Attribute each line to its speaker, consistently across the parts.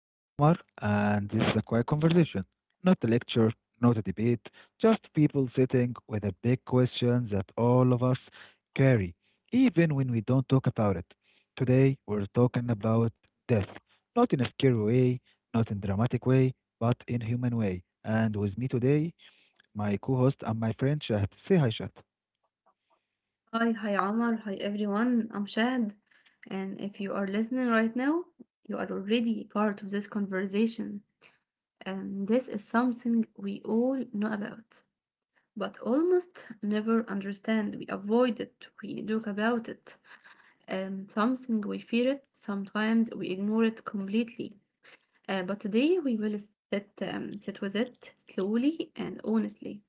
Speaker 1: I am Omar, and this is a quiet conversation, not a lecture, not a debate, just people sitting with a big question that all of us carry, even when we don't talk about it. Today, we're talking about death, not in a scary way, not in dramatic way, but in human way. And with me today, my co-host and my friend Shahd. Say hi, Shahd.
Speaker 2: Hi, hi Omar, hi everyone. I'm Shad, and if you are listening right now, you are already part of this conversation, and this is something we all know about, but almost never understand. We avoid it, we joke about it, and something we fear it, sometimes we ignore it completely. But today we will sit, sit with it slowly and honestly.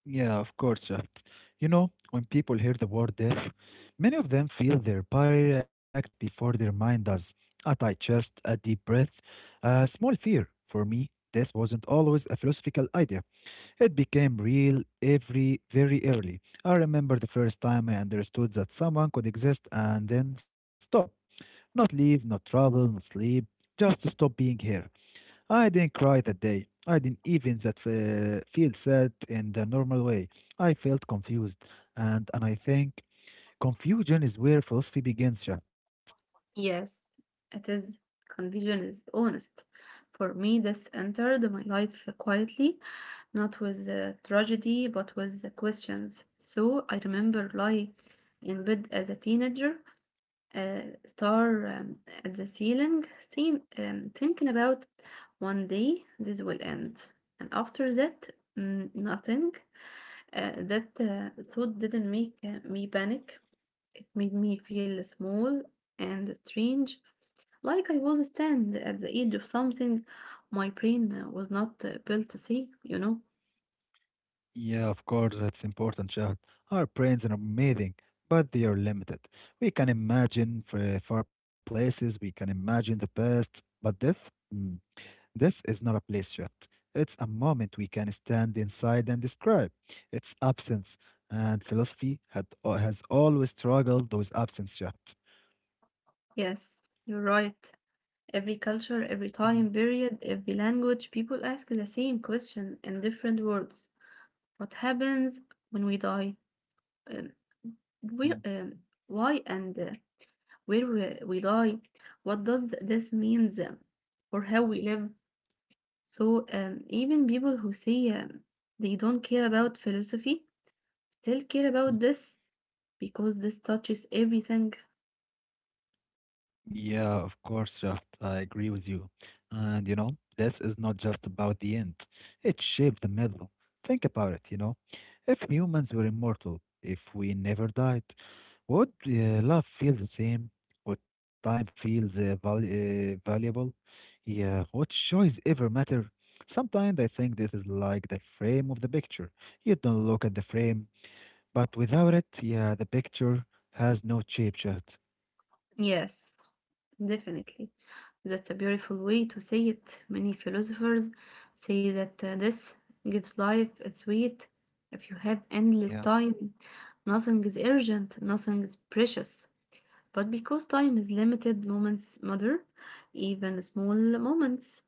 Speaker 1: Yeah, of course, Shaft. You know, when people hear the word death, many of them feel their body react before their mind does. A tight chest, a deep breath, a small fear. For me, death wasn't always a philosophical idea. It became real every very early. I remember the first time I understood that someone could exist and then stop. Not leave, not travel, not sleep, just stop being here. I didn't cry that day. I didn't even that feel sad in the normal way. I felt confused, and I think confusion is where philosophy begins, Chat.
Speaker 2: Yes, it is conviction is honest. For me, this entered my life quietly, not with tragedy, but with questions. So I remember lying in bed as a teenager, uh, star at the ceiling, thinking about one day this will end. And after that, nothing. That thought didn't make me panic. It made me feel small and strange like I was stand at the edge of something my brain was not built to see, you know?
Speaker 1: Yeah, of course, that's important, Chat. Our brains are amazing, but they are limited. We can imagine far places. We can imagine the past, but death. Hmm. This is not a place shift. It's a moment we can stand inside and describe. It's absence, and philosophy has always struggled with absence shifts.
Speaker 2: Yes, you're right. Every culture, every
Speaker 1: Mhm,
Speaker 2: time period, every language, people ask the same question in different words. What happens when we die? Um, where,
Speaker 1: mhm,
Speaker 2: why and where we die? What does this mean for how we live? So even people who say they don't care about philosophy still care about
Speaker 1: mhm.
Speaker 2: this because this touches everything.
Speaker 1: Yeah, of course, Shaft. I agree with you. And you know, this is not just about the end, it shaped the middle. Think about it, you know. If humans were immortal, if we never died, would love feel the same? Would time feel valuable? Yeah, would choice ever matter? Sometimes I think this is like the frame of the picture. You don't look at the frame, but without it, yeah, the picture has no shape, chat.
Speaker 2: Yes, definitely. That's a beautiful way to say it. Many philosophers say that this gives life its weight. If you have endless
Speaker 1: Yeah.
Speaker 2: time, nothing is urgent, nothing is precious. But because time is limited, moments matter, even small moments.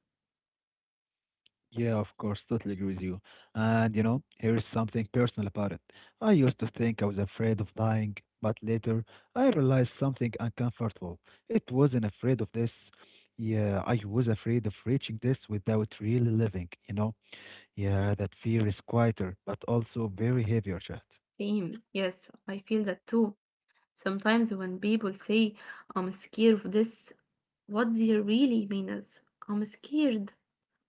Speaker 1: Yeah, of course, totally agree with you. And you know, here is something personal about it. I used to think I was afraid of dying, but later I realized something uncomfortable. It wasn't afraid of this. Yeah, I was afraid of reaching this without really living? Yeah, that fear is quieter, but also very heavy, Arshad.
Speaker 2: Same. Yes, I feel that too. Sometimes when people say, I'm scared of this, what they really mean is, I'm scared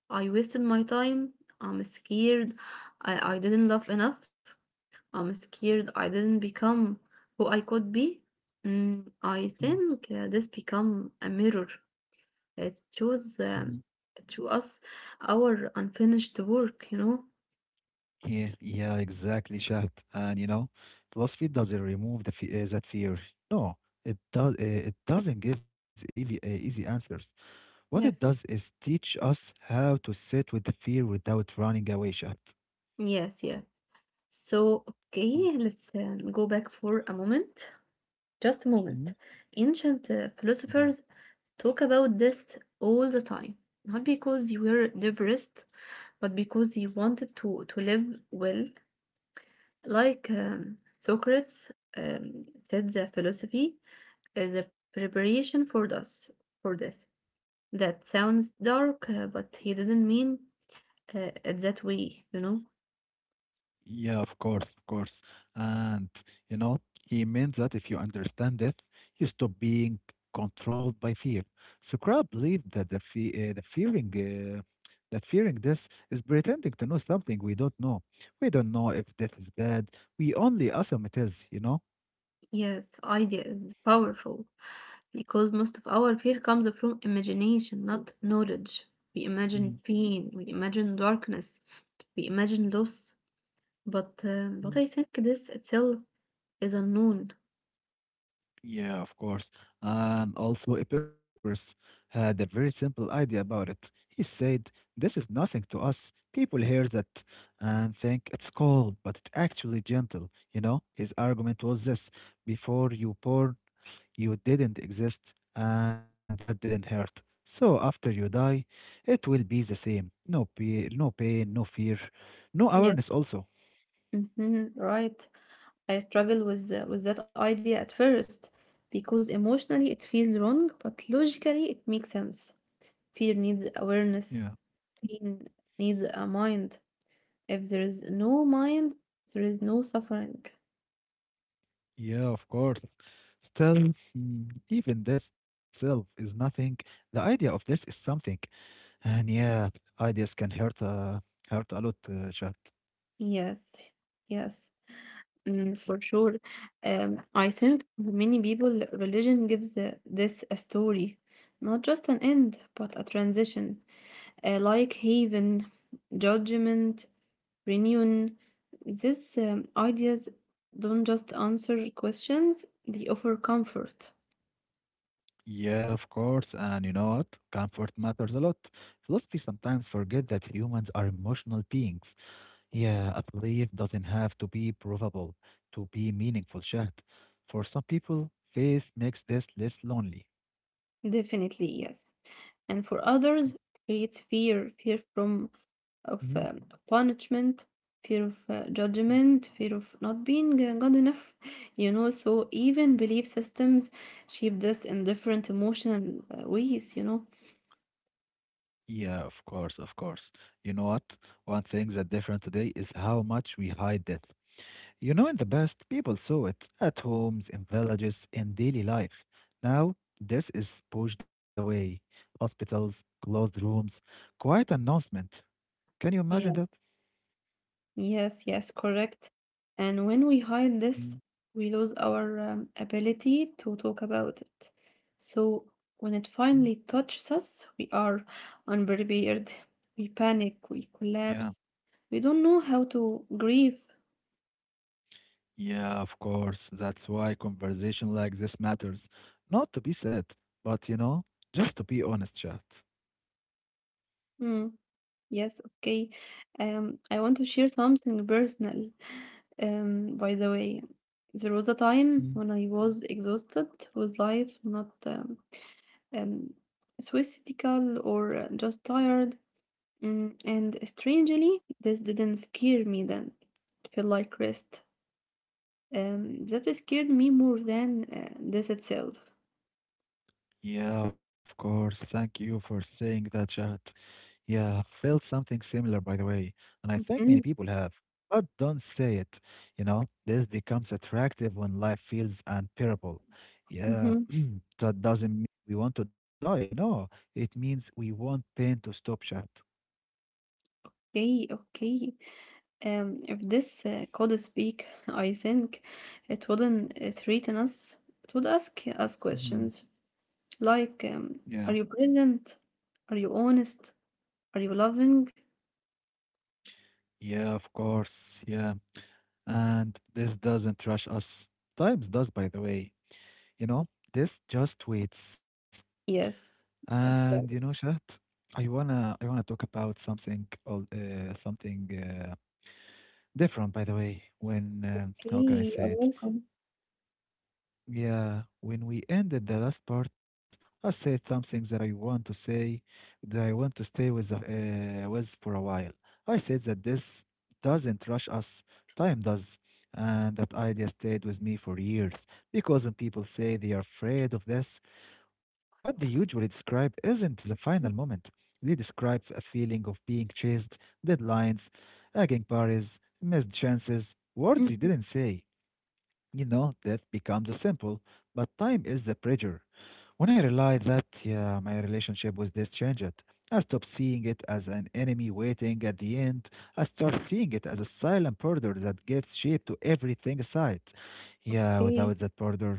Speaker 2: I wasted my time. I'm scared. I didn't love enough. I'm scared I didn't become who I could be. I think this become a mirror. It shows
Speaker 1: Mm-hmm.
Speaker 2: to us our unfinished work, you know?
Speaker 1: Yeah, yeah, exactly, Shahd. And you know, philosophy doesn't remove the that fear. No, it does. It doesn't give easy answers. What it does
Speaker 2: Yes.
Speaker 1: is teach us how to sit with the fear without running away, Shahd.
Speaker 2: Yes, yes. So, okay, let's go back for a moment. Just a moment.
Speaker 1: Mhm.
Speaker 2: Ancient
Speaker 1: Mm,
Speaker 2: philosophers talk about this all the time. Not because you were depressed, but because he wanted to live well, like Socrates said, the philosophy is a preparation for death. For death. That sounds dark, but he didn't mean it that way, you know.
Speaker 1: yeah, of course, of course. And, you know, he meant that if you understand death, you stop being controlled by fear. So Crowd believed that the fearing, that fearing this is pretending to know something we don't know. We don't know if death is bad. We only assume it is, you know?
Speaker 2: Yes, idea is powerful because most of our fear comes from imagination, not knowledge. We imagine pain, we imagine darkness, we imagine loss. But uh,
Speaker 1: Mhm.
Speaker 2: but I think this itself is unknown.
Speaker 1: Yeah, of course. And also, Epicurus had a very simple idea about it. He said, this is nothing to us. People hear that and think it's cold, but it's actually gentle. You know, his argument was this: before you born, you didn't exist, and that didn't hurt. So after you die, it will be the same. No, no pain, no fear, no awareness, also.
Speaker 2: Mhm, right. I struggle with that idea at first because emotionally it feels wrong, but logically it makes sense. Fear needs
Speaker 1: Yeah.
Speaker 2: awareness. Pain needs a mind. If there is no mind, there is no suffering.
Speaker 1: Yeah, of course. Still, even this itself is nothing. The idea of this is something. And yeah, ideas can hurt a lot, chat.
Speaker 2: Yes, yes, for sure. I think for many people religion gives this a story, not just an end, but a transition, like haven, judgment reunion. These ideas don't just answer questions, they offer comfort.
Speaker 1: Yeah, of course. And you know what? Comfort matters a lot. Philosophy sometimes forget that humans are emotional beings. Yeah, a belief doesn't have to be provable to be meaningful, chat. For some people, faith makes this less lonely.
Speaker 2: Definitely, yes. And for others, it creates fear from of
Speaker 1: Mm-hmm.
Speaker 2: punishment, fear of judgment, fear of not being good enough. You know, so even belief systems shape this in different emotional ways, you know.
Speaker 1: Yeah, of course, of course. You know what? One thing that's different today is how much we hide death. You know, in the past, people saw it at homes, in villages, in daily life. Now, this is pushed away. Hospitals, closed rooms, quiet announcement. Can you imagine that?
Speaker 2: Yes, yes, correct. And when we hide this,
Speaker 1: Mm,
Speaker 2: we lose our ability to talk about it. So when it
Speaker 1: mm.
Speaker 2: finally touches us, we are unprepared. We panic, we
Speaker 1: Yeah,
Speaker 2: collapse. We don't know how to grieve.
Speaker 1: yeah, of course. That's why conversation like this matters. Not to be said, but you know, just to be honest, chat.
Speaker 2: Mm, yes, okay. I want to share something personal. By the way, there was a time when I was exhausted with life, not um, suicidal or just tired. And strangely, this didn't scare me then. It felt like rest. That scared me more than this itself.
Speaker 1: Yeah, of course. Thank you for saying that, chat. Yeah, I felt something similar, by the way, and I think many
Speaker 2: Mhm,
Speaker 1: people have. But don't say it. You know, this becomes attractive when life feels unbearable. Yeah,
Speaker 2: mhm.
Speaker 1: that doesn't mean we want to die. No, it means we want pain to stop, chat.
Speaker 2: Okay, okay. If this could speak, I think it wouldn't threaten us. It would ask us
Speaker 1: Mhm.
Speaker 2: questions like,
Speaker 1: Yeah,
Speaker 2: are you present? Are you honest? Are you loving?
Speaker 1: yeah, of course. Yeah, and this doesn't rush us. Times does, by the way. You know, this just waits.
Speaker 2: Yes.
Speaker 1: And
Speaker 2: Yes,
Speaker 1: you know,
Speaker 2: yeah,
Speaker 1: Shahd, I wanna talk about something different, by the way. When how can I
Speaker 2: okay, you're
Speaker 1: say it?
Speaker 2: welcome.
Speaker 1: Yeah, when we ended the last part, I said something that I want to say, that I want to stay with with for a while. I said that this doesn't rush us, time does, and that idea stayed with me for years. Because when people say they are afraid of this, what they usually describe isn't the final moment.
Speaker 2: Mm,
Speaker 1: They describe a feeling of being chased, deadlines, nagging parties, missed chances, words you
Speaker 2: mhm,
Speaker 1: didn't say. You know, death becomes a simple, but time is the pressure. When I realized that, yeah, my relationship with death changed. I stopped seeing it as an enemy waiting at the end. I start seeing it as a silent border that gives shape to everything aside. Yeah,
Speaker 2: okay.
Speaker 1: without that border,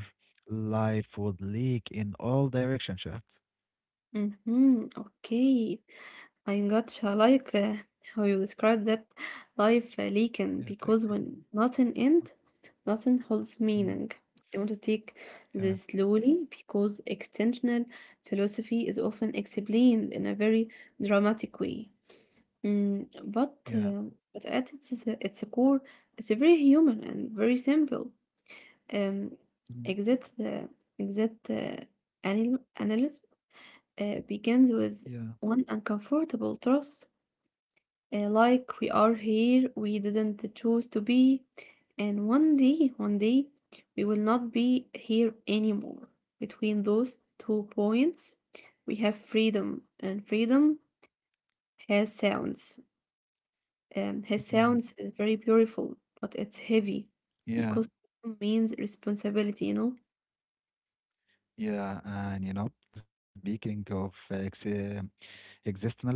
Speaker 1: life would leak in all directions, Shaft.
Speaker 2: Mhm, okay. I gotcha. Like how you describe that life leaking
Speaker 1: Yeah, thank
Speaker 2: because
Speaker 1: you.
Speaker 2: when nothing ends, nothing holds
Speaker 1: Mm,
Speaker 2: meaning. I want to take
Speaker 1: yeah,
Speaker 2: this slowly because extensional philosophy is often explained in a very dramatic way. Mm, but
Speaker 1: yeah,
Speaker 2: uh, but at its core, it's very human and very simple. Um,
Speaker 1: mm,
Speaker 2: exit the exit anal- analysis begins
Speaker 1: yeah,
Speaker 2: with one uncomfortable truth, like we are here, we didn't choose to be, and one day, we will not be here anymore. Between those two points, we have freedom, and freedom has sounds. Has
Speaker 1: mm,
Speaker 2: sounds is very beautiful, but it's heavy
Speaker 1: yeah,
Speaker 2: because freedom means responsibility, you know?
Speaker 1: yeah. And you know, speaking of existentialism,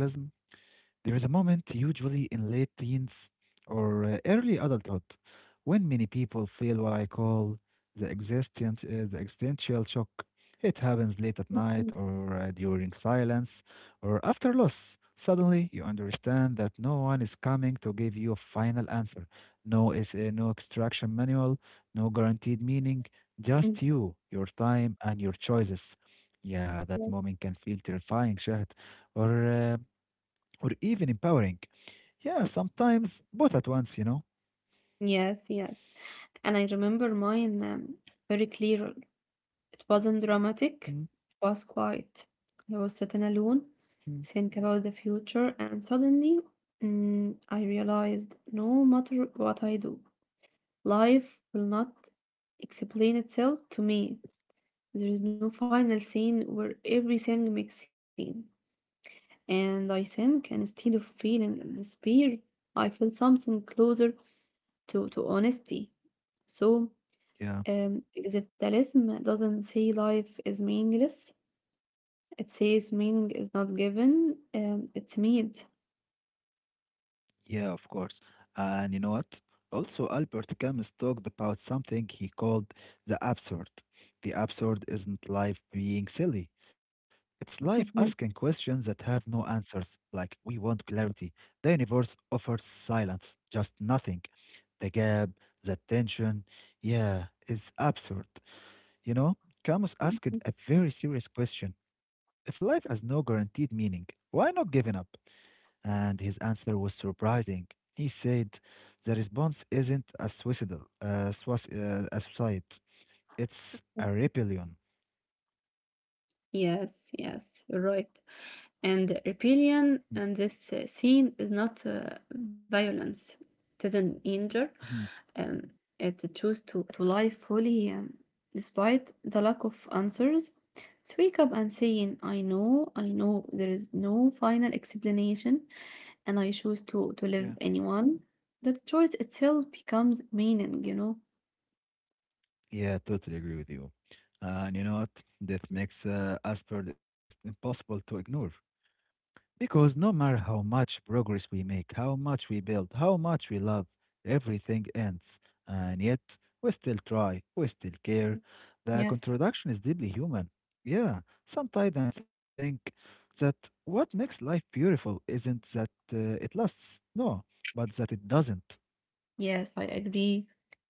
Speaker 1: there is a moment, usually in late teens or early adulthood, when many people feel what I call the the existential shock. It happens late at
Speaker 2: Mhm.
Speaker 1: night or during silence or after loss. Suddenly, you understand that no one is coming to give you a final answer. No extraction manual, no guaranteed meaning.
Speaker 2: Mm.
Speaker 1: Just you, your time, and your choices. Yeah, that moment can feel terrifying, Shahad. Or uh, or even empowering. Yeah, sometimes both at once, you know.
Speaker 2: Yes, yes, yes. And I remember mine very clear. It wasn't dramatic,
Speaker 1: Mhm,
Speaker 2: it was quiet. I was sitting alone,
Speaker 1: mhm.
Speaker 2: think about the future, and suddenly I realized no matter what I do, life will not explain itself to me. There is no final scene where everything makes sense. And I think instead of feeling despair, I feel something closer to honesty. So
Speaker 1: Yeah,
Speaker 2: um, existentialism doesn't say life is meaningless. It says meaning is not given, it's made.
Speaker 1: yeah, of course. And you know what? Also, Albert Camus talked about something he called the absurd. The absurd isn't life being silly. It's life
Speaker 2: Mhm.
Speaker 1: asking questions that have no answers, like we want clarity. The universe offers silence, just nothing. The gap, the tension, yeah, it's absurd. You know, Camus asked a very serious question. If life has no guaranteed meaning, why not giving up? And his answer was surprising. He said, the response isn't a suicide, it's a rebellion.
Speaker 2: Yes, yes, right. And
Speaker 1: Mm,
Speaker 2: rebellion and this scene is not violence. It isn't injure.
Speaker 1: mhm.
Speaker 2: Um, it choose to live fully despite the lack of answers. It's wake up and saying, I know, there is no final explanation, and I choose to
Speaker 1: Yeah.
Speaker 2: live anyone. That choice itself becomes meaning, you know?
Speaker 1: Yeah, totally agree with you. And you know what? That makes Asperger's impossible to ignore. Because no matter how much progress we make, how much we build, how much we love, everything ends. And yet, we still try, we still care. The
Speaker 2: Yes,
Speaker 1: contradiction is deeply human. Yeah, sometimes I think that what makes life beautiful isn't that it lasts, no, but that it doesn't.
Speaker 2: yes, I agree.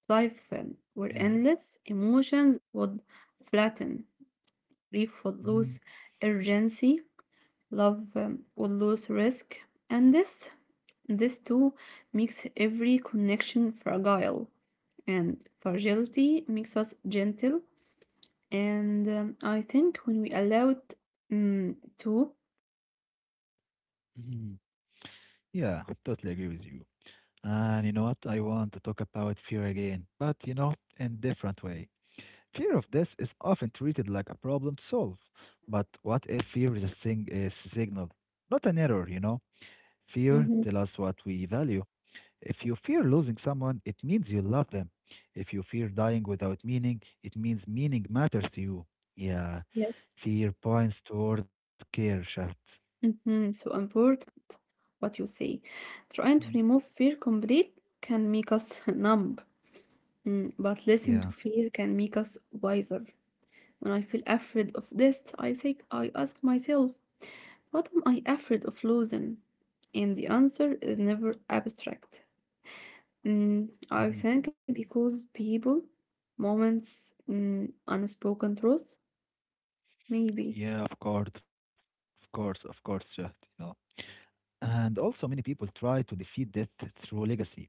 Speaker 2: Life were
Speaker 1: Yeah.
Speaker 2: endless. Emotions would flatten. Grief would
Speaker 1: Mhm,
Speaker 2: lose urgency. Love would lose risk. And this too, makes every connection fragile. And fragility makes us gentle. And I think when we allow it mm, to,
Speaker 1: mhm. Yeah, totally agree with you. And you know what? I want to talk about fear again, but you know, in different way. Fear of death is often treated like a problem to solve. But what if fear is a is a signal, not an error, you know? Fear
Speaker 2: Mhm.
Speaker 1: tells us what we value. If you fear losing someone, it means you love them. If you fear dying without meaning, it means meaning matters to you. Yeah.
Speaker 2: Yes.
Speaker 1: Fear points toward care, Shad.
Speaker 2: Mhm, so important what you say.
Speaker 1: Mhm.
Speaker 2: Trying to remove fear complete can make us numb, but listen
Speaker 1: Yeah.
Speaker 2: to fear can make us wiser. When I feel afraid of this, I say I ask myself, what am I afraid of losing? And the answer is never abstract.
Speaker 1: Mhm.
Speaker 2: I think because people, moments, unspoken truth, maybe.
Speaker 1: Yeah, of course, of course, of course, Shahd, you know. And also, many people try to defeat death through legacy.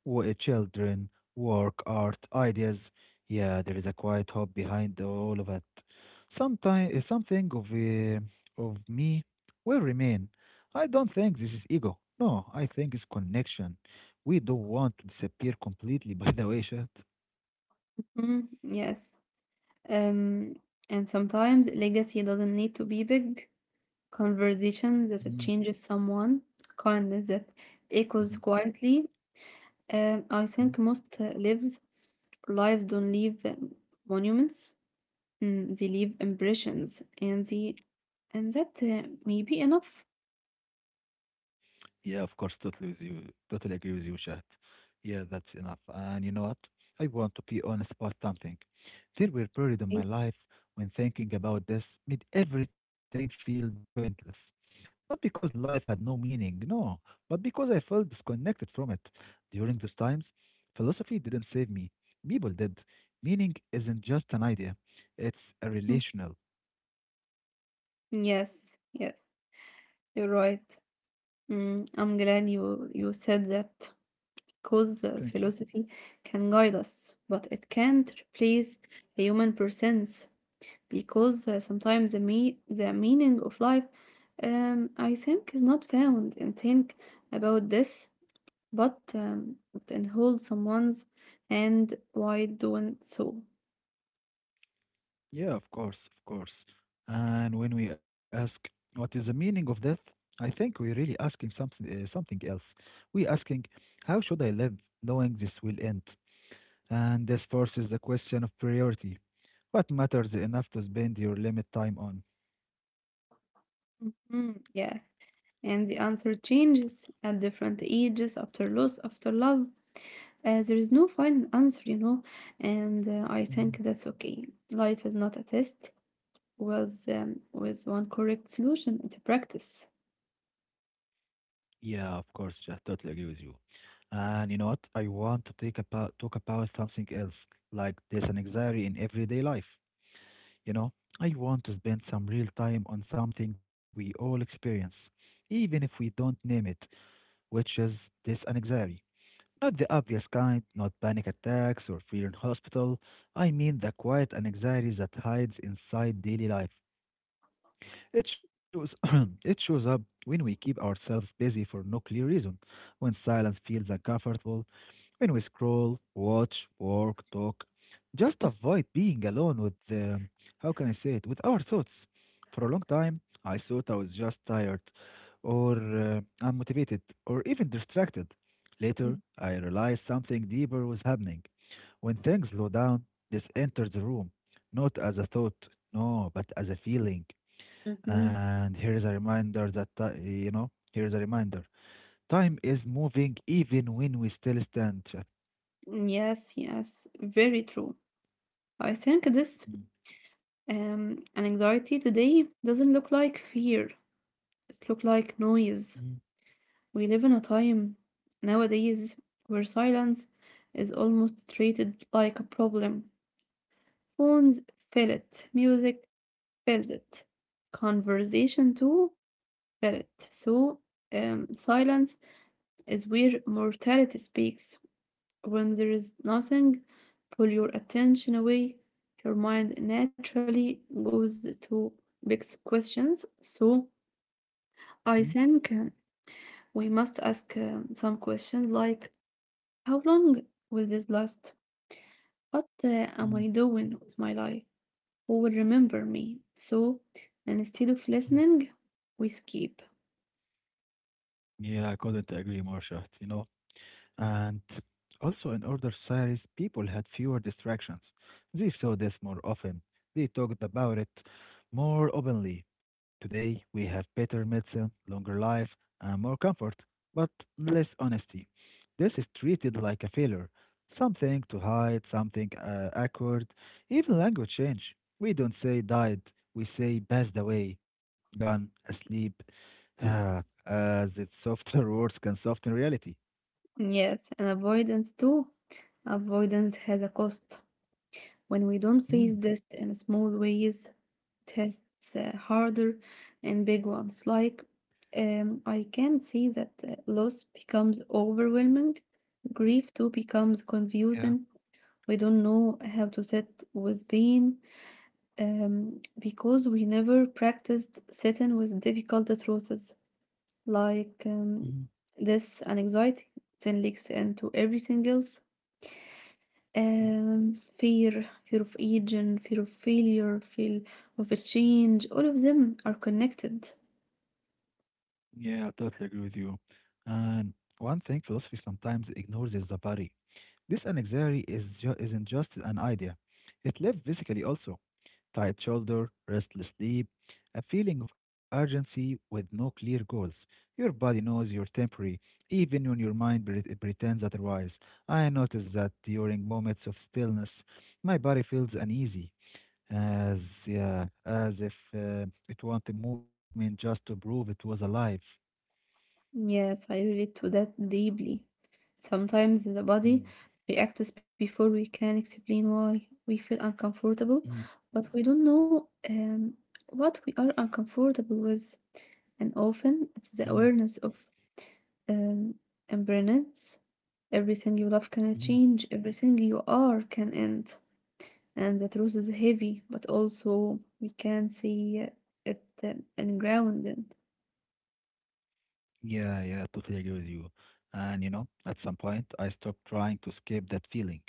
Speaker 1: Children, work, art, ideas. Yeah, there is a quiet hope behind all of it. Sometimes something of me will remain. I don't think this is ego. No, I think it's connection. We don't want to disappear completely. By the way, Shad.
Speaker 2: Mm, yes. Um, and sometimes legacy doesn't need to be big. Conversation
Speaker 1: Mhm,
Speaker 2: that it changes someone, kindness that
Speaker 1: mhm,
Speaker 2: echoes quietly. Um, I
Speaker 1: mhm.
Speaker 2: think most uh, lives lives don't leave monuments. They leave impressions, and the and that may be enough.
Speaker 1: Yeah, of course, totally with you. Totally agree with you, Shahd. Yeah, that's enough. And you know what? I want to be honest about something. There were periods in my
Speaker 2: Right.
Speaker 1: life when thinking about this made everything feel pointless. Not because life had no meaning, no, but because I felt disconnected from it. During those times, philosophy didn't save me. People did. Meaning isn't just an idea, it's a
Speaker 2: Mm,
Speaker 1: relational.
Speaker 2: yes, yes, you're right. I'm glad you said that because
Speaker 1: Thank you.
Speaker 2: philosophy can guide us, but it can't replace a human presence. Because sometimes the meaning of life I think is not found in think about this, but in hold someone's and why doing so?
Speaker 1: Yeah, of course, of course. And when we ask what is the meaning of death, I think we're really asking something else. We're asking how should I live knowing this will end? And this forces the question of priority. What matters enough to spend your limit time on?
Speaker 2: Hmm, yeah, and the answer changes at different ages after loss, after love. There is no final answer, you know, and I think
Speaker 1: Mhm.
Speaker 2: that's okay. Life is not a test with one correct solution. It's a practice.
Speaker 1: Yeah, of course, I totally agree with you. And you know what? I want to take about talk about something else, like there's an anxiety in everyday life. You know, I want to spend some real time on something we all experience, even if we don't name it, which is this anxiety. Not the obvious kind, not panic attacks or fear in hospital. I mean the quiet anxiety that hides inside daily life. It shows, it shows up when we keep ourselves busy for no clear reason, when silence feels uncomfortable, when we scroll, watch, work, talk, just avoid being alone with the, how can I say it, with our thoughts. For a long time, I thought I was just tired, or unmotivated, or even distracted. Later, I realized something deeper was happening. When things slow down, this enters the room, not as a thought, no, but as a feeling.
Speaker 2: Mhm.
Speaker 1: And here is a reminder that here is a reminder. Time is moving even when we still stand.
Speaker 2: Yes, yes, very true. I think this an anxiety today doesn't look like fear. It look like
Speaker 1: Mhm,
Speaker 2: noise. We live in a time nowadays where silence is almost treated like a problem. Phones fill it, music fills it, conversation too fill it. So silence is where mortality speaks. When there is nothing, pull your attention away. Your mind naturally goes to big questions. So I think we must ask some questions like how long will this last? What am
Speaker 1: mm.
Speaker 2: I doing with my life? Who will remember me? So instead of listening, we skip.
Speaker 1: Yeah, I couldn't agree more, Shaht. And also, in older societies, people had fewer distractions. They saw this more often. They talked about it more openly. Today, we have better medicine, longer life, and more comfort, but less honesty. This is treated like a failure, something to hide, something awkward, even language change. We don't say died, we say passed away, gone, asleep, as its softer words can soften reality.
Speaker 2: Yes, and avoidance too. Avoidance has a cost. When we don't face
Speaker 1: Hmm.
Speaker 2: this in small ways, tests harder and big ones. Like, I can see that loss becomes overwhelming, grief too becomes
Speaker 1: Yeah.
Speaker 2: confusing. We don't know how to sit with pain because we never practiced sitting with difficult truths. Like,
Speaker 1: Mhm,
Speaker 2: this anxiety then leaks into everything else
Speaker 1: mhm.
Speaker 2: fear, fear of aging, fear of failure, fear of a change, all of them are connected.
Speaker 1: Yeah, I totally agree with you. And one thing philosophy sometimes ignores is the body. This anxiety isn't just an idea. It lives physically also. Tight shoulder, restless sleep, a feeling of urgency with no clear goals. Your body knows you're temporary, even when your mind pretends otherwise. I notice that during moments of stillness, my body feels uneasy, as if it wanted movement just to prove it was alive.
Speaker 2: Yes, I relate to that deeply. Sometimes the
Speaker 1: Mm,
Speaker 2: body reacts before we can explain why we feel uncomfortable,
Speaker 1: mm,
Speaker 2: but we don't know what we are uncomfortable with. And often it's
Speaker 1: mm,
Speaker 2: the awareness of um, impermanence. Everything you love can
Speaker 1: mm.
Speaker 2: change, everything you are can end. And the truth is heavy, but also we can see it and grounded.
Speaker 1: Yeah, yeah, totally agree with you. And you know, at some point, I stopped trying to escape that feeling.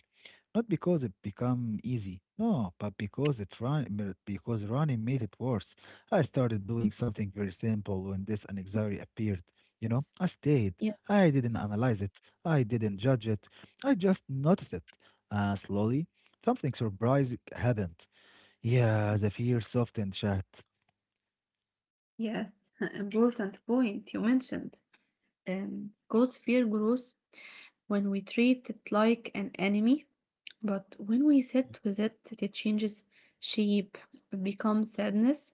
Speaker 1: Not because it become easy, no, but because running made it worse. I started doing something very simple when this anxiety appeared. You know,
Speaker 2: Yes.
Speaker 1: I stayed.
Speaker 2: Yeah,
Speaker 1: I didn't analyze it. I didn't judge it. I just noticed it. Slowly, something surprising happened. Yeah, the fear softened, chat.
Speaker 2: yeah, important point you mentioned. Because fear grows when we treat it like an enemy, but when we sit
Speaker 1: Mm.
Speaker 2: with it, it changes shape. It becomes sadness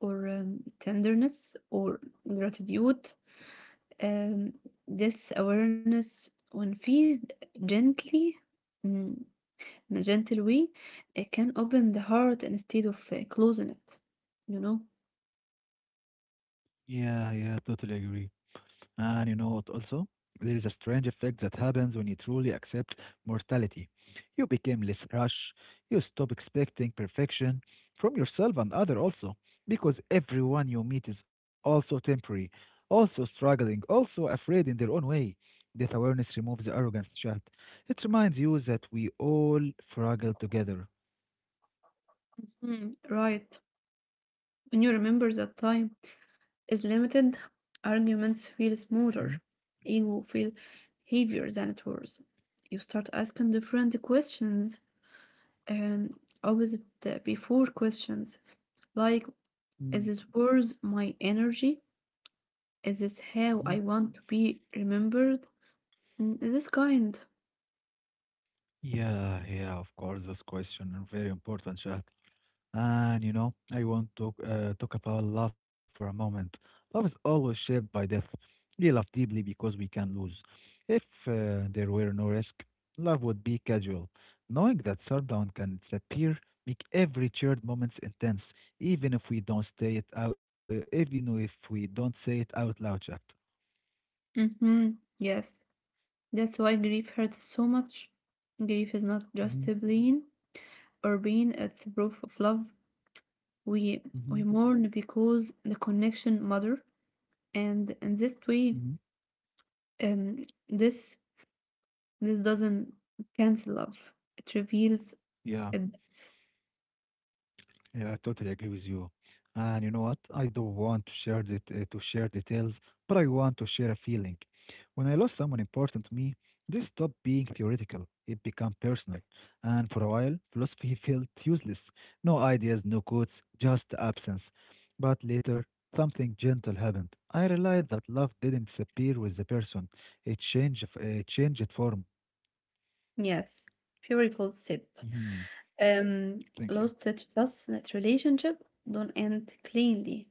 Speaker 2: or tenderness or gratitude. Um, this awareness, when feels gently, mm, in a gentle way, it can open the heart instead of closing it. You know?
Speaker 1: Yeah, yeah, totally agree. And you know what also? There is a strange effect that happens when you truly accept mortality. You become less rash. You stop expecting perfection from yourself and other also, because everyone you meet is also temporary, also struggling, also afraid in their own way. That awareness removes the arrogance chat. It reminds you that we all struggle together.
Speaker 2: Hmm, right. When you remember that time is limited, arguments feel
Speaker 1: Mhm,
Speaker 2: smoother, ego feel heavier than it was. You start asking different questions and opposite before questions like is
Speaker 1: mhm,
Speaker 2: this worth my energy? Is this how I want to be remembered? Is this kind?
Speaker 1: Yeah, yeah, of course, this question is very important, Shahd. And you know, I want to talk about love for a moment. Love is always shaped by death. We love deeply because we can lose. If there were no risk, love would be casual. Knowing that sundown can disappear make every shared moment intense, even if we don't say it out loud, Shahd.
Speaker 2: Mm-hmm. Yes. That's why grief hurts so much. Grief is not
Speaker 1: Mm-hmm,
Speaker 2: just a pain or being at the proof of love. We
Speaker 1: mm-hmm,
Speaker 2: we mourn because the connection matter, and in this
Speaker 1: mm-hmm.
Speaker 2: way, um, this this doesn't cancel love. It reveals
Speaker 1: Yeah,
Speaker 2: it.
Speaker 1: yeah, I totally agree with you. And you know what? I don't want to to share details, but I want to share a feeling. When I lost someone important to me, this stopped being theoretical. It became personal. And for a while, philosophy felt useless. No ideas, no quotes, just absence. But later, something gentle happened. I realized that love didn't disappear with the person. It changed form.
Speaker 2: Yes, beautiful said.
Speaker 1: Mhm. Thank you.
Speaker 2: Lost teaches us that relationship don't end cleanly.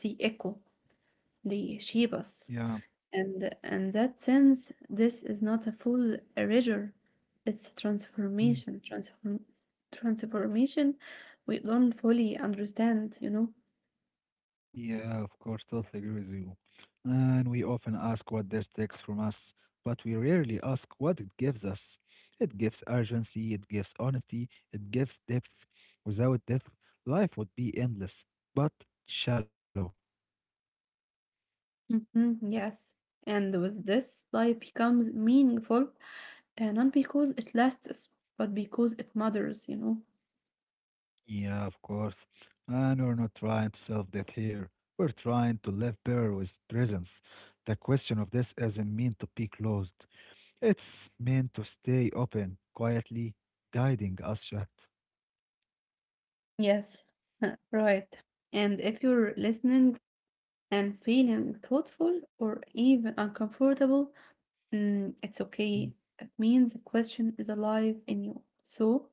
Speaker 2: They echo. They shape us.
Speaker 1: Yeah.
Speaker 2: And in that sense, this is not a full erasure, it's a transformation.
Speaker 1: Hmm.
Speaker 2: Transformation we don't fully understand, you know?
Speaker 1: Yeah, of course, totally agree with you. And we often ask what this takes from us, but we rarely ask what it gives us. It gives urgency, it gives honesty, it gives depth. Without depth, life would be endless, but shallow.
Speaker 2: Yes. And with this, life becomes meaningful, and not because it lasts, but because it matters, you know?
Speaker 1: Yeah, of course. And we're not trying to self death here. We're trying to live better with presence. The question of this isn't meant to be closed. It's meant to stay open, quietly guiding us, Shad.
Speaker 2: Yes, right. And if you're listening and feeling thoughtful or even uncomfortable, it's okay. That means the question is alive in you. So,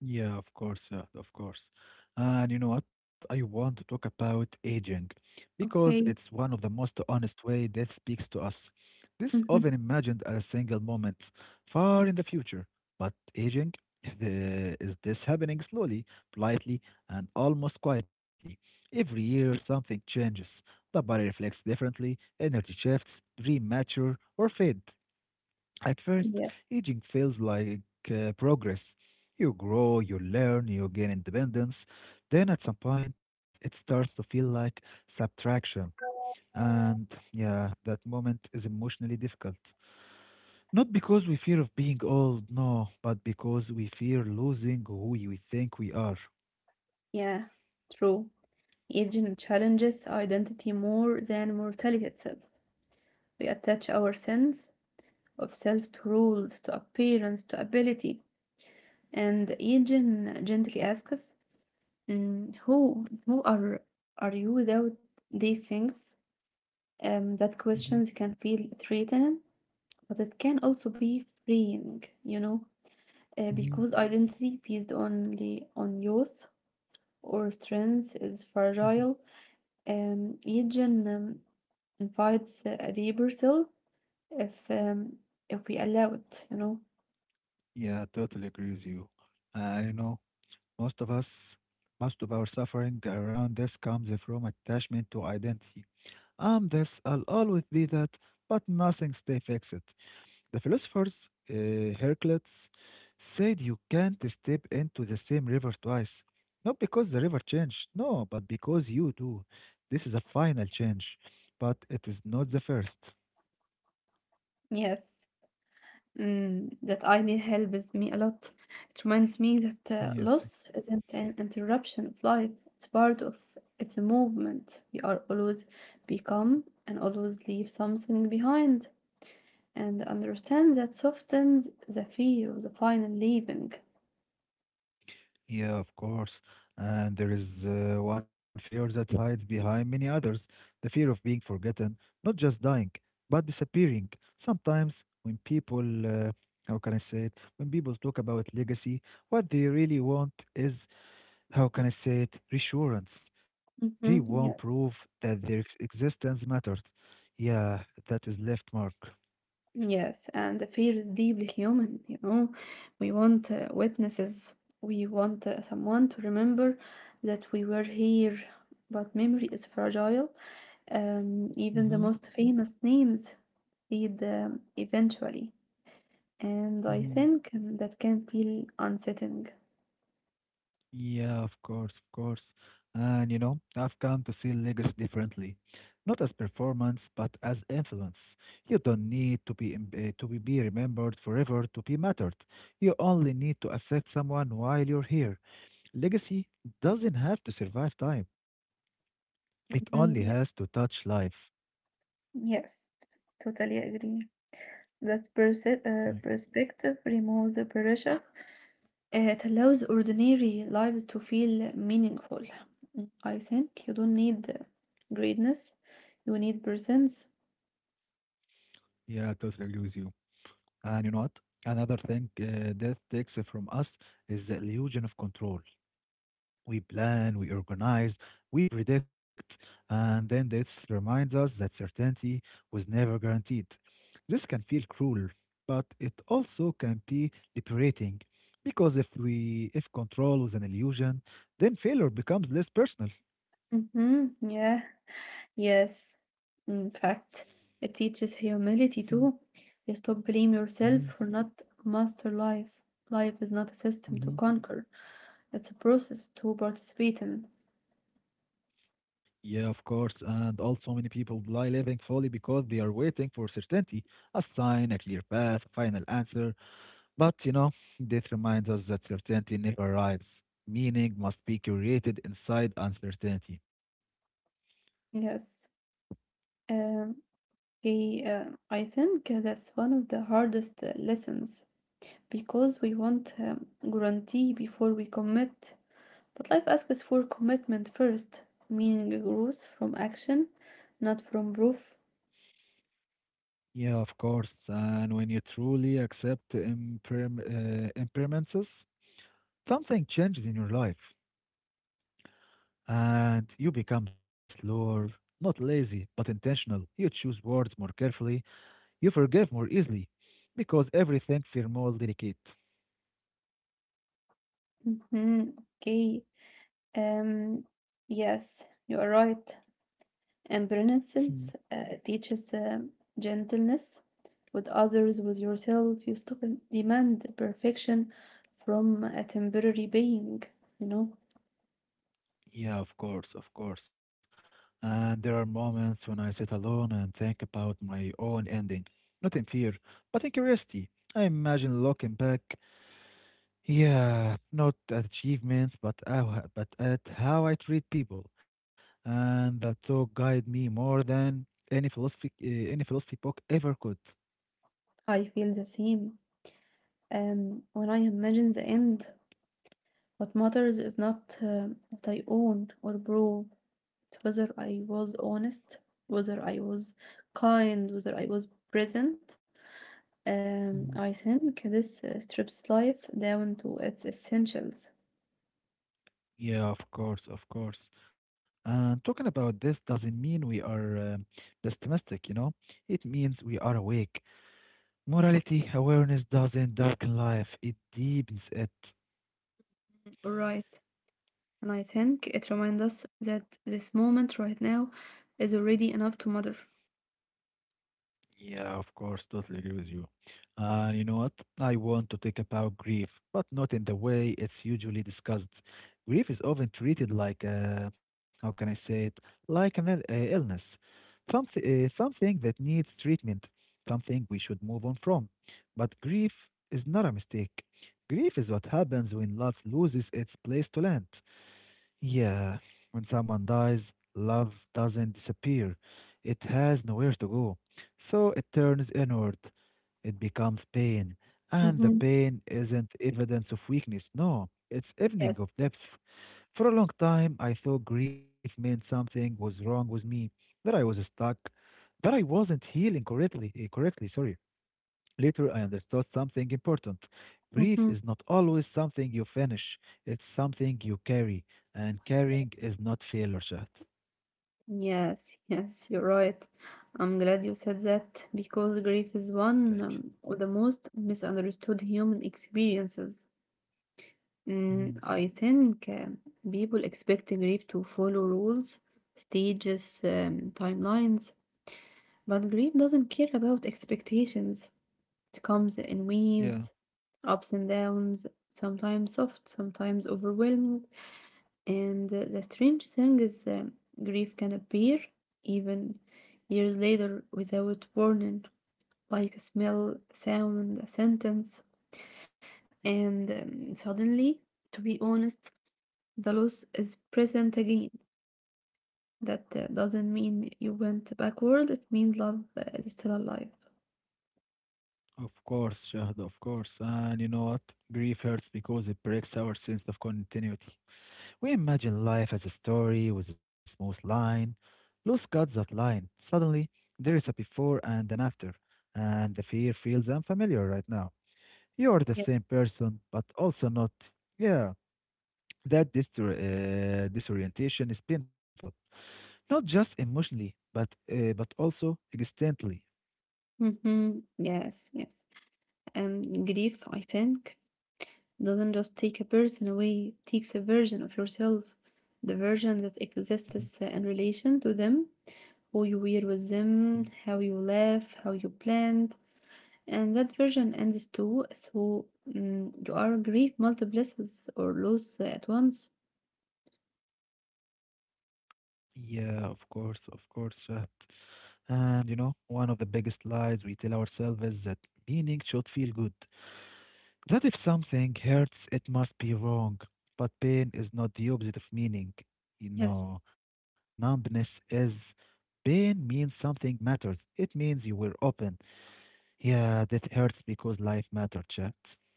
Speaker 1: Yeah, of course, yeah, of course. And you know what? I want to talk about aging because it's
Speaker 2: okay.
Speaker 1: one of the most honest way death speaks to us. This
Speaker 2: Mhm.
Speaker 1: often imagined as single moments far in the future, but aging is this happening slowly, politely, and almost quietly. Every year, something changes. The body reflects differently, energy shifts, dream mature or fade. At first,
Speaker 2: Yeah,
Speaker 1: aging feels like progress. You grow, you learn, you gain independence. Then at some point, it starts to feel like subtraction. And yeah, that moment is emotionally difficult. Not because we fear of being old, no, but because we fear losing who we think we are.
Speaker 2: yeah, true. Aging challenges identity more than mortality itself. We attach our sense of self to rules, to appearance, to ability. And aging gently asks us, mm, who, who are, are you without these things? That
Speaker 1: Mhm,
Speaker 2: questions can feel threatening, but it can also be freeing, you know?
Speaker 1: mhm,
Speaker 2: Because identity based only on youth or strength is
Speaker 1: mhm.
Speaker 2: fragile, each gen invites a deeper self if um, if we allow it, you know.
Speaker 1: Yeah, I totally agree with you. You know, most of us, most of our suffering around this comes from attachment to identity. I'm this, I'll always be that, but nothing stays fixed. The philosophers, Heraclitus, said you can't step into the same river twice. Not because the river changed, no, but because you do. This is a final change, but it is not the first.
Speaker 2: Yes, that I need help is me a lot. It reminds me that
Speaker 1: Yeah, thank
Speaker 2: loss isn't an interruption of life; it's part of it's a movement. We are always become and always leave something behind. And understand that softens the fear of the final leaving.
Speaker 1: Yeah, of course. And there is one fear that hides behind many others, the fear of being forgotten, not just dying, but disappearing. Sometimes, when people, how can I say it, when people talk about legacy, what they really want is how can I say it, reassurance. They want
Speaker 2: Mhm. Yeah.
Speaker 1: proof that their existence matters. Yeah, that is left mark.
Speaker 2: Yes, and the fear is deeply human, you know. We want witnesses, we want someone to remember that we were here, but memory is fragile. Even the
Speaker 1: Mm-hmm.
Speaker 2: most famous names fade eventually, and I
Speaker 1: Mm-hmm.
Speaker 2: think um, that can feel unsettling.
Speaker 1: Yeah, of course, of course. And you know, I've come to see legacy differently, not as performance, but as influence. You don't need to be remembered forever to be mattered. You only need to affect someone while you're here. Legacy doesn't have to survive time. It only has
Speaker 2: Mhm.
Speaker 1: to touch life.
Speaker 2: Yes, totally agree. That
Speaker 1: Right.
Speaker 2: perspective removes the pressure. It allows ordinary lives to feel meaningful. I think you don't need greatness, you need presence.
Speaker 1: Yeah, I totally agree with you. And you know what? Another thing death takes from us is the illusion of control. We plan, we organize, we predict, and then death reminds us that certainty was never guaranteed. This can feel cruel, but it also can be liberating because if control was an illusion, then failure becomes less personal.
Speaker 2: Yeah, yes. In fact, it teaches humility too. You stop blame yourself
Speaker 1: Mhm.
Speaker 2: for not master life. Life is not a system to
Speaker 1: Mm-hmm.
Speaker 2: conquer, it's a process to participate in.
Speaker 1: Yeah, of course. And also, many people lie living fully because they are waiting for certainty, a sign, a clear path, a final answer. But you know, death reminds us that certainty never arrives. Meaning must be created inside uncertainty.
Speaker 2: Yes. Um, Okay, I think that's one of the hardest lessons because we want guarantee before we commit. But life asks for commitment first, meaning grows from action, not from proof.
Speaker 1: Yeah, of course. And when you truly accept impermanences, something changes in your life, and you become slower, not lazy, but intentional. You choose words more carefully. You forgive more easily, because everything feels more delicate.
Speaker 2: hmm Okay. Um, yes, you are right. And
Speaker 1: Hmm.
Speaker 2: beneficence teaches gentleness with others, with yourself. You stop and demand perfection from a temporary being, you know.
Speaker 1: Yeah, of course, of course. And there are moments when I sit alone and think about my own ending, not in fear, but in curiosity. I imagine looking back. Not achievements, but at how I treat people, and that thought guide me more than any philosophy book ever could.
Speaker 2: I feel the same. When I imagine the end, what matters is not what I own or prove, it's whether I was honest, whether I was kind, whether I was present. Um,
Speaker 1: Mhm.
Speaker 2: I think this uh, strips life down to its essentials.
Speaker 1: Yeah, of course, of course. And talking about this doesn't mean we are pessimistic, you know. It means we are awake. Morality awareness doesn't darken life; it deepens it.
Speaker 2: Right. And I think it reminds us that this moment right now is already enough to matter.
Speaker 1: Yeah, of course, totally agree with you. And you know what? I want to talk about grief, but not in the way it's usually discussed. Grief is often treated like, how can I say it? Like an ill- illness, something that needs treatment, something we should move on from. But grief is not a mistake. Grief is what happens when love loses its place to land. Yeah, when someone dies, love doesn't disappear. It has nowhere to go. So it turns inward. It becomes pain. And the
Speaker 2: Mm-hmm.
Speaker 1: pain isn't evidence of weakness, no, it's evening
Speaker 2: Yes.
Speaker 1: of depth. For a long time, I thought grief meant something was wrong with me, that I was stuck, that I wasn't healing correctly, sorry. Later, I understood something important. Grief
Speaker 2: Mm-hmm.
Speaker 1: is not always something you finish, it's something you carry, and carrying is not failure, Shahd.
Speaker 2: Yes, yes, you're right. I'm glad you said that because grief is one
Speaker 1: Thank you.
Speaker 2: um, of the most misunderstood human experiences. Mm,
Speaker 1: Mhm.
Speaker 2: I think um, people expect grief to follow rules, stages, timelines, but grief doesn't care about expectations. It comes in
Speaker 1: Yeah,
Speaker 2: waves, ups and downs, sometimes soft, sometimes overwhelming. And the strange thing is, grief can appear even years later without warning, like a smell, sound, a sentence, and suddenly, to be honest, the loss is present again. That doesn't mean you went backward, it means love is still alive.
Speaker 1: of course, Shahd, of course. And you know what? Grief hurts because it breaks our sense of continuity. We imagine life as a story with a smooth line. Loss cuts that line. Suddenly, there is a before and an after, and the fear feels unfamiliar right now. You are the
Speaker 2: Yes.
Speaker 1: same person, but also not. Yeah, That disorientation is painful, not just emotionally, but also existentially.
Speaker 2: Mm-hmm. Yes, yes. Grief, I think. doesn't just take a person away, it takes a version of yourself, the version that
Speaker 1: Mm,
Speaker 2: exists in relation to them, who you were with
Speaker 1: mm.
Speaker 2: them, how you laugh, how you planned, and that version ends too, so you are grief multiplices or loss at once.
Speaker 1: Yeah, of course, of course, Shahd. And you know, one of the biggest lies we tell ourselves is that meaning should feel good. That if something hurts, it must be wrong. But pain is not the opposite of meaning. You
Speaker 2: Yes,
Speaker 1: know, numbness is pain means something matters. It means you were open. Yeah, that hurts because life mattered, chat.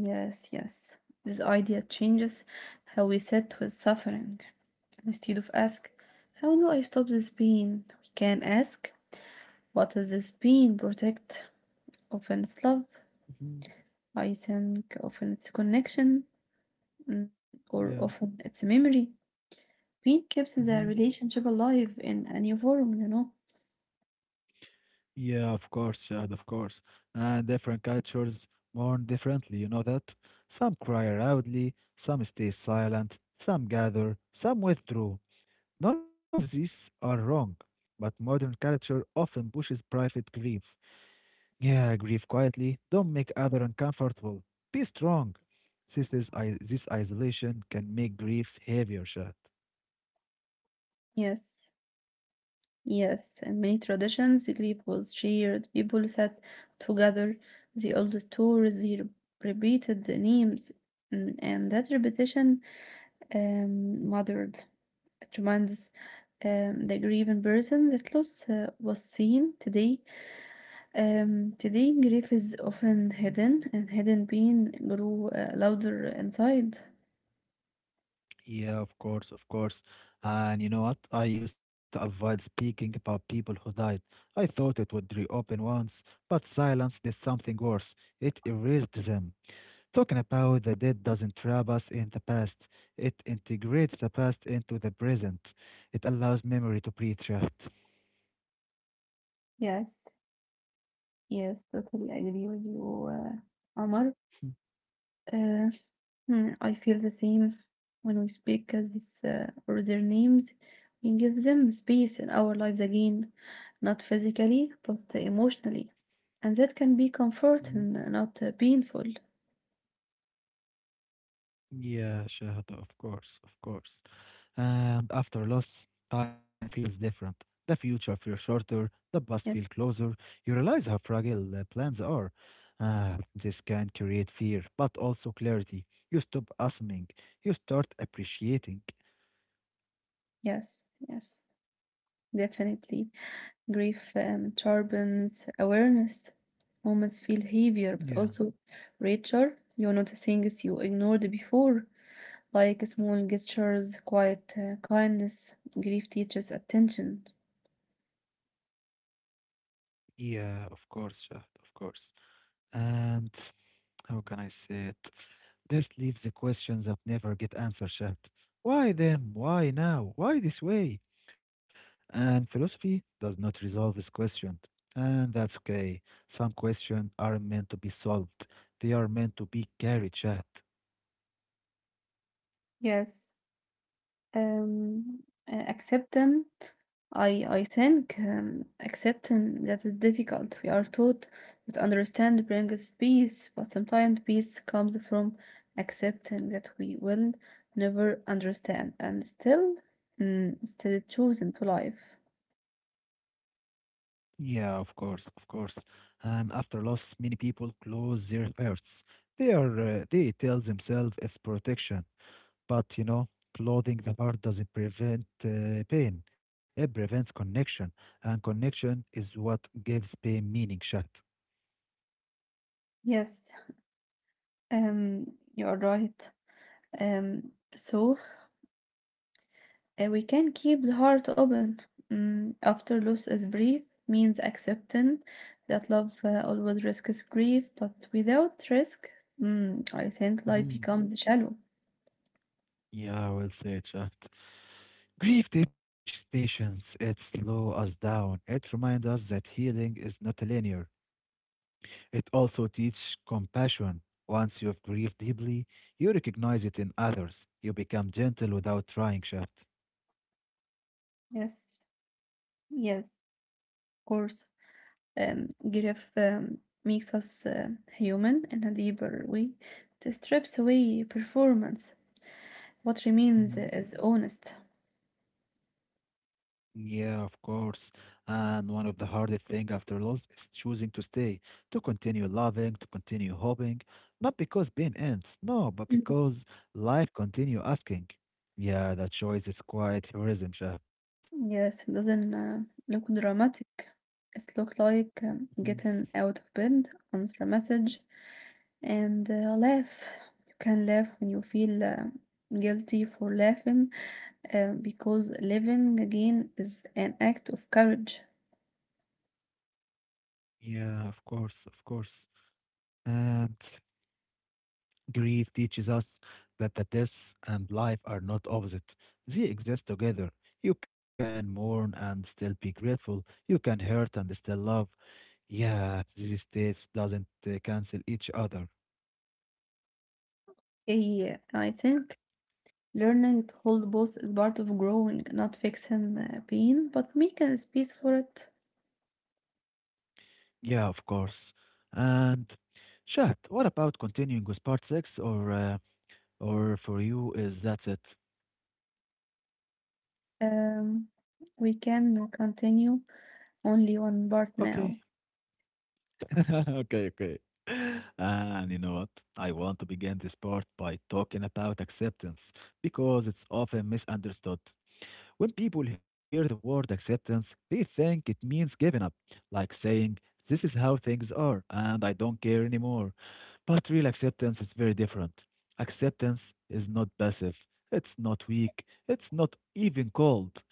Speaker 2: yes, yes. This idea changes how we sit with suffering. Instead of ask, how do I stop this pain? We can ask, what does this pain protect? Often love.
Speaker 1: Mhm.
Speaker 2: I think often it's connection mm, or
Speaker 1: Yeah.
Speaker 2: often it's memory. Pain keeps the
Speaker 1: hmm
Speaker 2: relationship alive in any form, you know?
Speaker 1: Yeah, of course, Shahd, of course. And different cultures mourn differently, you know that? Some cry loudly, some stay silent, some gather, some withdraw. None of these are wrong, but modern culture often pushes private grief. Yeah, grieve quietly, don't make other uncomfortable. Be strong. This isolation can make grief heavier, Shahd.
Speaker 2: Yes, yes. And many traditions, grief was shared, people sat together, they all the old stories, they repeated the names, and that repetition muttered it reminds the grieving person that loss was seen today. Today, grief is often hidden, and hidden pain grow louder inside.
Speaker 1: Yeah, of course, of course. And you know what? I used to avoid speaking about people who died. I thought it would reopen once, but silence did something worse. It erased them. Talking about the dead doesn't trap us in the past, it integrates the past into the present. It allows memory to breathe, Shahd.
Speaker 2: Yes, yes, totally agree with you. Omar, uh, I feel the same when we speak as this or their names. We give them space in our lives again, not physically but emotionally, and that can be
Speaker 1: Mhm.
Speaker 2: comforting, not painful.
Speaker 1: Yeah, Shahd, of course, of course. And after loss, time feels different. The future feels shorter, the past feels
Speaker 2: Yes,
Speaker 1: closer. You realize how fragile plans are. This can create fear, but also clarity. You stop assuming, you start appreciating.
Speaker 2: yes, yes, definitely. Grief sharpens awareness. Moments feel heavier but
Speaker 1: Yeah,
Speaker 2: also richer. You notice things you ignored before, like small gestures, quiet kindness. Grief teaches attention.
Speaker 1: yeah, of course, Shahd, of course. And how can I say it? This leaves the questions that never get answered, Shahd. Why them? Why now? Why this way? And philosophy does not resolve this question. And that's okay. Some questions aren't meant to be solved, they are meant to be carried chat.
Speaker 2: Yes. Um, acceptance I think accepting that is difficult. We are taught that understand brings peace, but sometimes peace comes from accepting that we will never understand, and still, still choosing to life.
Speaker 1: Yeah, of course, of course. And after loss, many people close their hearts. They tell themselves it's protection, but you know, clothing the heart doesn't prevent pain. It prevents connection, and connection is what gives pain meaning, Chat.
Speaker 2: Yes, um, you are right. Um, so we can keep the heart open. After loss is brief means accepting that love always risks grief, but without risk, I think life becomes shallow.
Speaker 1: Yeah, well said, Shaft. Grief teaches patience. It slows us down. It reminds us that healing is not linear. It also teaches compassion. Once you've grieved deeply, you recognize it in others. You become gentle without trying, Shaft.
Speaker 2: Yes, yes, of course. Grief makes us human in a deeper way. It strips away performance. What remains is honest.
Speaker 1: Yeah, of course. And one of the hardest thing after loss is choosing to stay, to continue loving, to continue hoping, not because pain ends, no, but because life continue asking. Yeah, that choice is quite heroism, Shaft.
Speaker 2: Yes, it doesn't look dramatic. It look like
Speaker 1: Mhm.
Speaker 2: getting out of bed, answer a message, and laugh. You can laugh when you feel guilty for laughing, because living again is an act of courage.
Speaker 1: Yeah, of course, of course. And grief teaches us that the death and life are not opposites. They exist together. You can mourn and still be grateful. You can hurt and still love. Yeah, these states doesn't cancel each other.
Speaker 2: Yeah, I think learning to hold both is part of growing, not fixing pain, but making space for it.
Speaker 1: Yeah, of course. And Shahd, what about continuing with part six, or for you is that's it?
Speaker 2: Um, we can continue only one part
Speaker 1: Okay,
Speaker 2: now.
Speaker 1: okay, okay. And you know what? I want to begin this part by talking about acceptance because it's often misunderstood. When people hear the word acceptance, they think it means giving up, like saying, "This is how things are, and I don't care anymore." But real acceptance is very different. Acceptance is not passive, it's not weak, it's not even cold.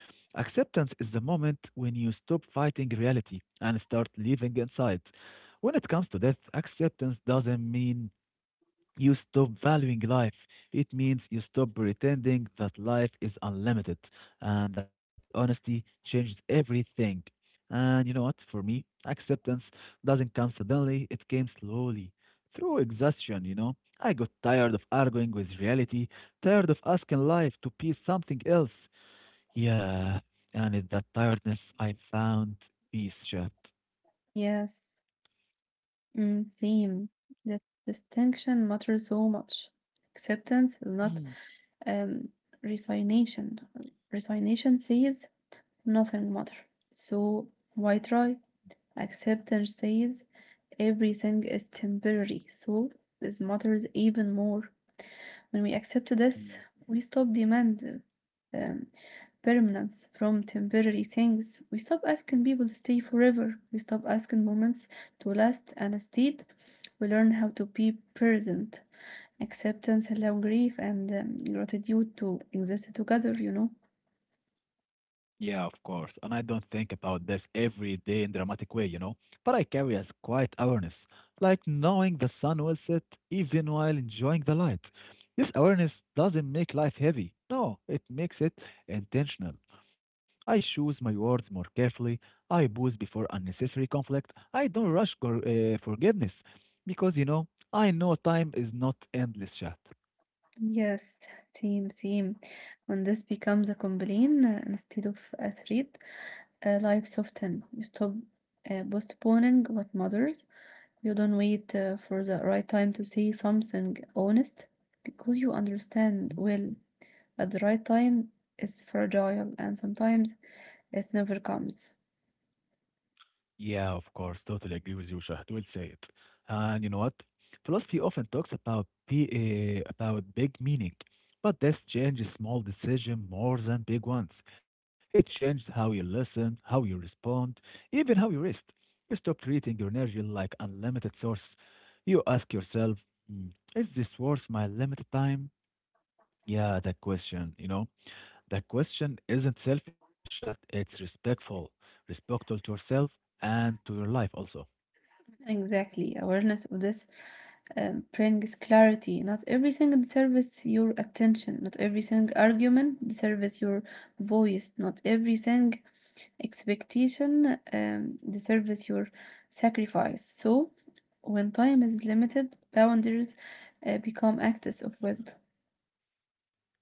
Speaker 1: Acceptance is the moment when you stop fighting reality and start living inside. When it comes to death, acceptance doesn't mean you stop valuing life. It means you stop pretending that life is unlimited and that honesty changes everything. And you know what? For me, acceptance doesn't come suddenly, it came slowly through exhaustion. I got tired of arguing with reality, tired of asking life to be something else. Yeah, and in that tiredness, I found peace, Shad.
Speaker 2: Yes. Mm, same. That distinction matters so much. Acceptance is not um, resignation. Resignation says nothing matters. So why try? Acceptance says everything is temporary. So this matters even more. When we accept this, we stop demanding um, permanence from temporary things. We stop asking people to stay forever. We stop asking moments to last, and instead, we learn how to be present. Acceptance, allow grief, and gratitude to exist together, you know?
Speaker 1: Yeah, of course. And I don't think about this every day in dramatic way. But I carry as quiet awareness, like knowing the sun will set even while enjoying the light. This awareness doesn't make life heavy. No, it makes it intentional. I choose my words more carefully. I pause before unnecessary conflict. I don't rush forgiveness because I know time is not endless, chat.
Speaker 2: Yes, same, same. When this becomes a complaint instead of a threat, life soften. You stop postponing what matters. You don't wait for the right time to say something honest because you understand well at the right time is fragile and sometimes it never comes.
Speaker 1: Yeah, of course. Totally agree with you, Shahd. Well said. And you know what? Philosophy often talks about about big meaning, but this changes small decision more than big ones. It changed how you listen, how you respond, even how you rest. You stop treating your energy like unlimited source. You ask yourself, "Hmm, is this worth my limited time? Yeah, that question. The question isn't selfish yet, it's respectful, respectful to yourself and to your life also.
Speaker 2: Exactly. Awareness of this brings clarity. Not everything deserves your attention. Not everything argument deserves your voice. Not everything expectation deserves your sacrifice. So, when time is limited, boundaries become acts of wisdom.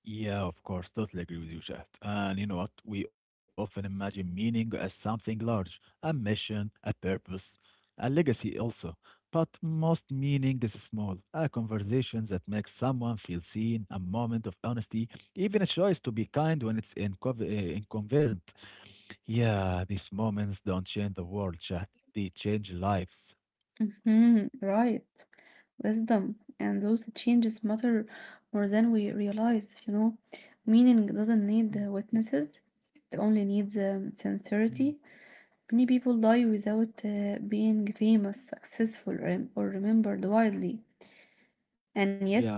Speaker 1: Yeah, of course, totally agree with you, Shahd. And you know what? We often imagine meaning as something large, a mission, a purpose, a legacy also. But most meaning is small, a conversation that makes someone feel seen, a moment of honesty, even a choice to be kind when it's inconvenient. Yeah, these moments don't change the world, Shahd. They change lives.
Speaker 2: Mhm, right. Wisdom. And those changes matter more than we realize, you know. Meaning doesn't need witnesses, it only needs
Speaker 1: Mm,
Speaker 2: sincerity. Many people die without being famous, successful, or remembered widely. And yet,
Speaker 1: yeah,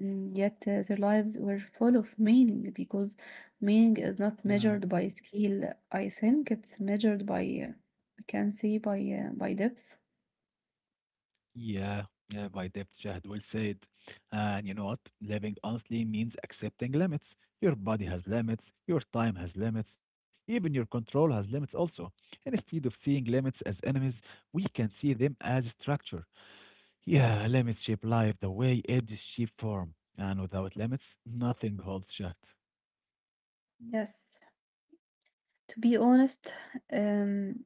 Speaker 2: yet their lives were full of meaning because meaning is not
Speaker 1: yeah,
Speaker 2: measured by skill. I think it's measured by, uh, I can say, by depth.
Speaker 1: yeah, yeah, by depth, Jahd will say it. And you know what? Living honestly means accepting limits. Your body has limits, your time has limits, even your control has limits also. And instead of seeing limits as enemies, we can see them as structure. Yeah, limits shape life the way edges shape form. And without limits, nothing holds, Jahd.
Speaker 2: Yes. To be honest, um,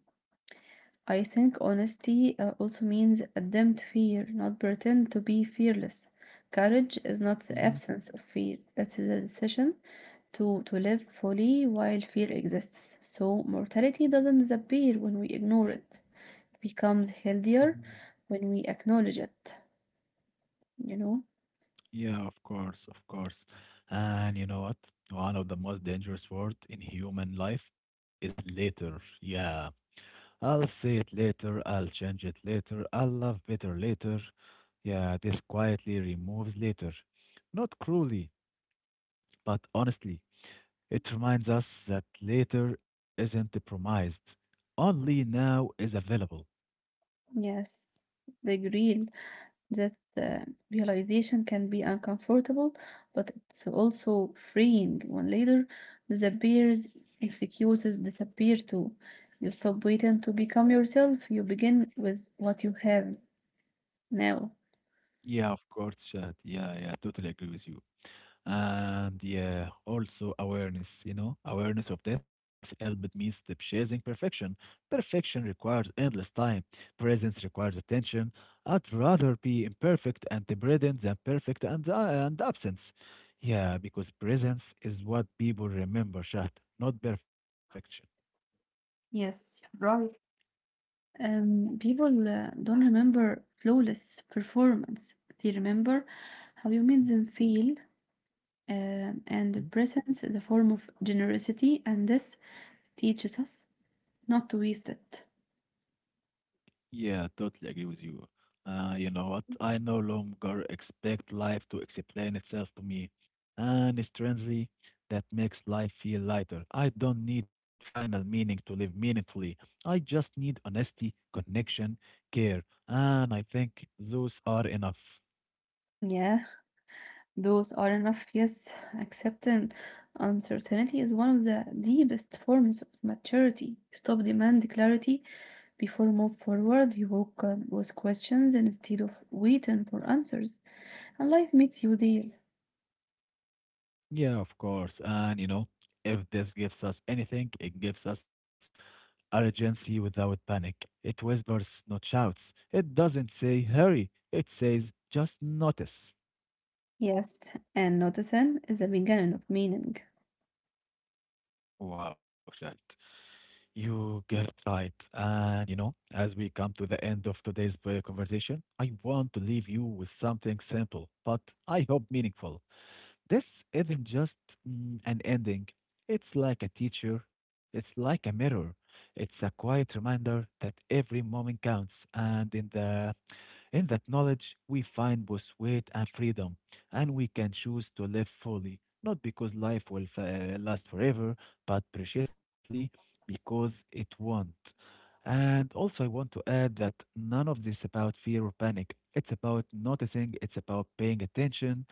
Speaker 2: I think honesty also means admit fear, not pretend to be fearless. Courage is not the
Speaker 1: Mm-hmm.
Speaker 2: absence of fear, it's the decision to live fully while fear exists. So, mortality doesn't disappear when we ignore it, it becomes healthier when we acknowledge it, you know?
Speaker 1: Yeah, of course, of course. And you know what? One of the most dangerous words in human life is later. Yeah, I'll say it later, I'll change it later, I'll love better later. Yeah, this quietly removes later. Not cruelly, but honestly. It reminds us that later isn't promised, only now is available.
Speaker 2: Yes, big real. That realization can be uncomfortable, but it's also freeing when later disappears, excuses disappear too. You stop waiting to become yourself, you begin with what you have now.
Speaker 1: Yeah, of course, Chad. Yeah, yeah, totally agree with you. And yeah, also awareness of death helped me stop chasing perfection. Perfection requires endless time, presence requires attention. I'd rather be imperfect and dependent than perfect and and absence. Yeah, because presence is what people remember, Shahd, not perfection.
Speaker 2: Yes, right. People don't remember flawless performance. They remember how you made them feel, and the presence is a form of generosity, and this teaches us not to waste it.
Speaker 1: Yeah, totally agree with you. You know what? I no longer expect life to explain itself to me. And strangely, that makes life feel lighter. I don't need final meaning to live meaningfully. I just need honesty, connection, care. And I think those are enough.
Speaker 2: Yeah. Those are enough, yes. Accepting uncertainty is one of the deepest forms of maturity. Stop demand clarity before move forward. You walk with questions instead of waiting for answers, and life meets you there.
Speaker 1: Yeah, of course. And you know, if this gives us anything, it gives us urgency without panic. It whispers, not shouts. It doesn't say hurry. It says just notice.
Speaker 2: Yes, and noticing is the beginning of meaning.
Speaker 1: Wow, Shant. You get it right. And you know, as we come to the end of today's conversation, I want to leave you with something simple, but I hope meaningful. This isn't just an ending. It's like a teacher, it's like a mirror. It's a quiet reminder that every moment counts, and in that knowledge, we find both weight and freedom, and we can choose to live fully, not because life will last forever, but preciously because it won't. And also, I want to add that none of this about fear or panic. It's about noticing, it's about paying attention.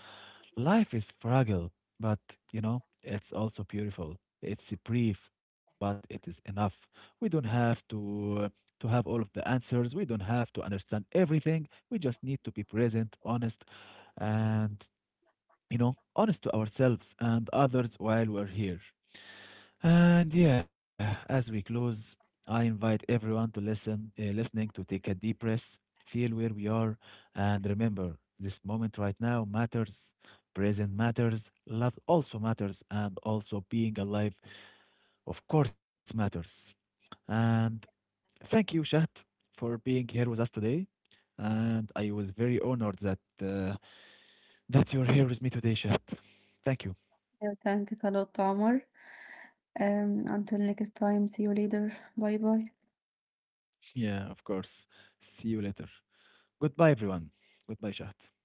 Speaker 1: Life is fragile, but you know, it's also beautiful. It's brief, but it is enough. We don't have to have all of the answers. We don't have to understand everything. We just need to be present, honest, and you know, honest to ourselves and others while we're here. And yeah, as we close, I invite everyone to listening to take a deep breath, feel where we are, and remember this moment right now matters, present matters, love also matters, and also being alive, of course, matters. And thank you, Shahat, for being here with us today. And I was very honored that that you're here with me today, Shahat. Thank you.
Speaker 2: Well, thank you a lot, Tamar. Until next time, see you later. Bye bye.
Speaker 1: Yeah, of course. See you later. Goodbye, everyone. Goodbye, Shahat.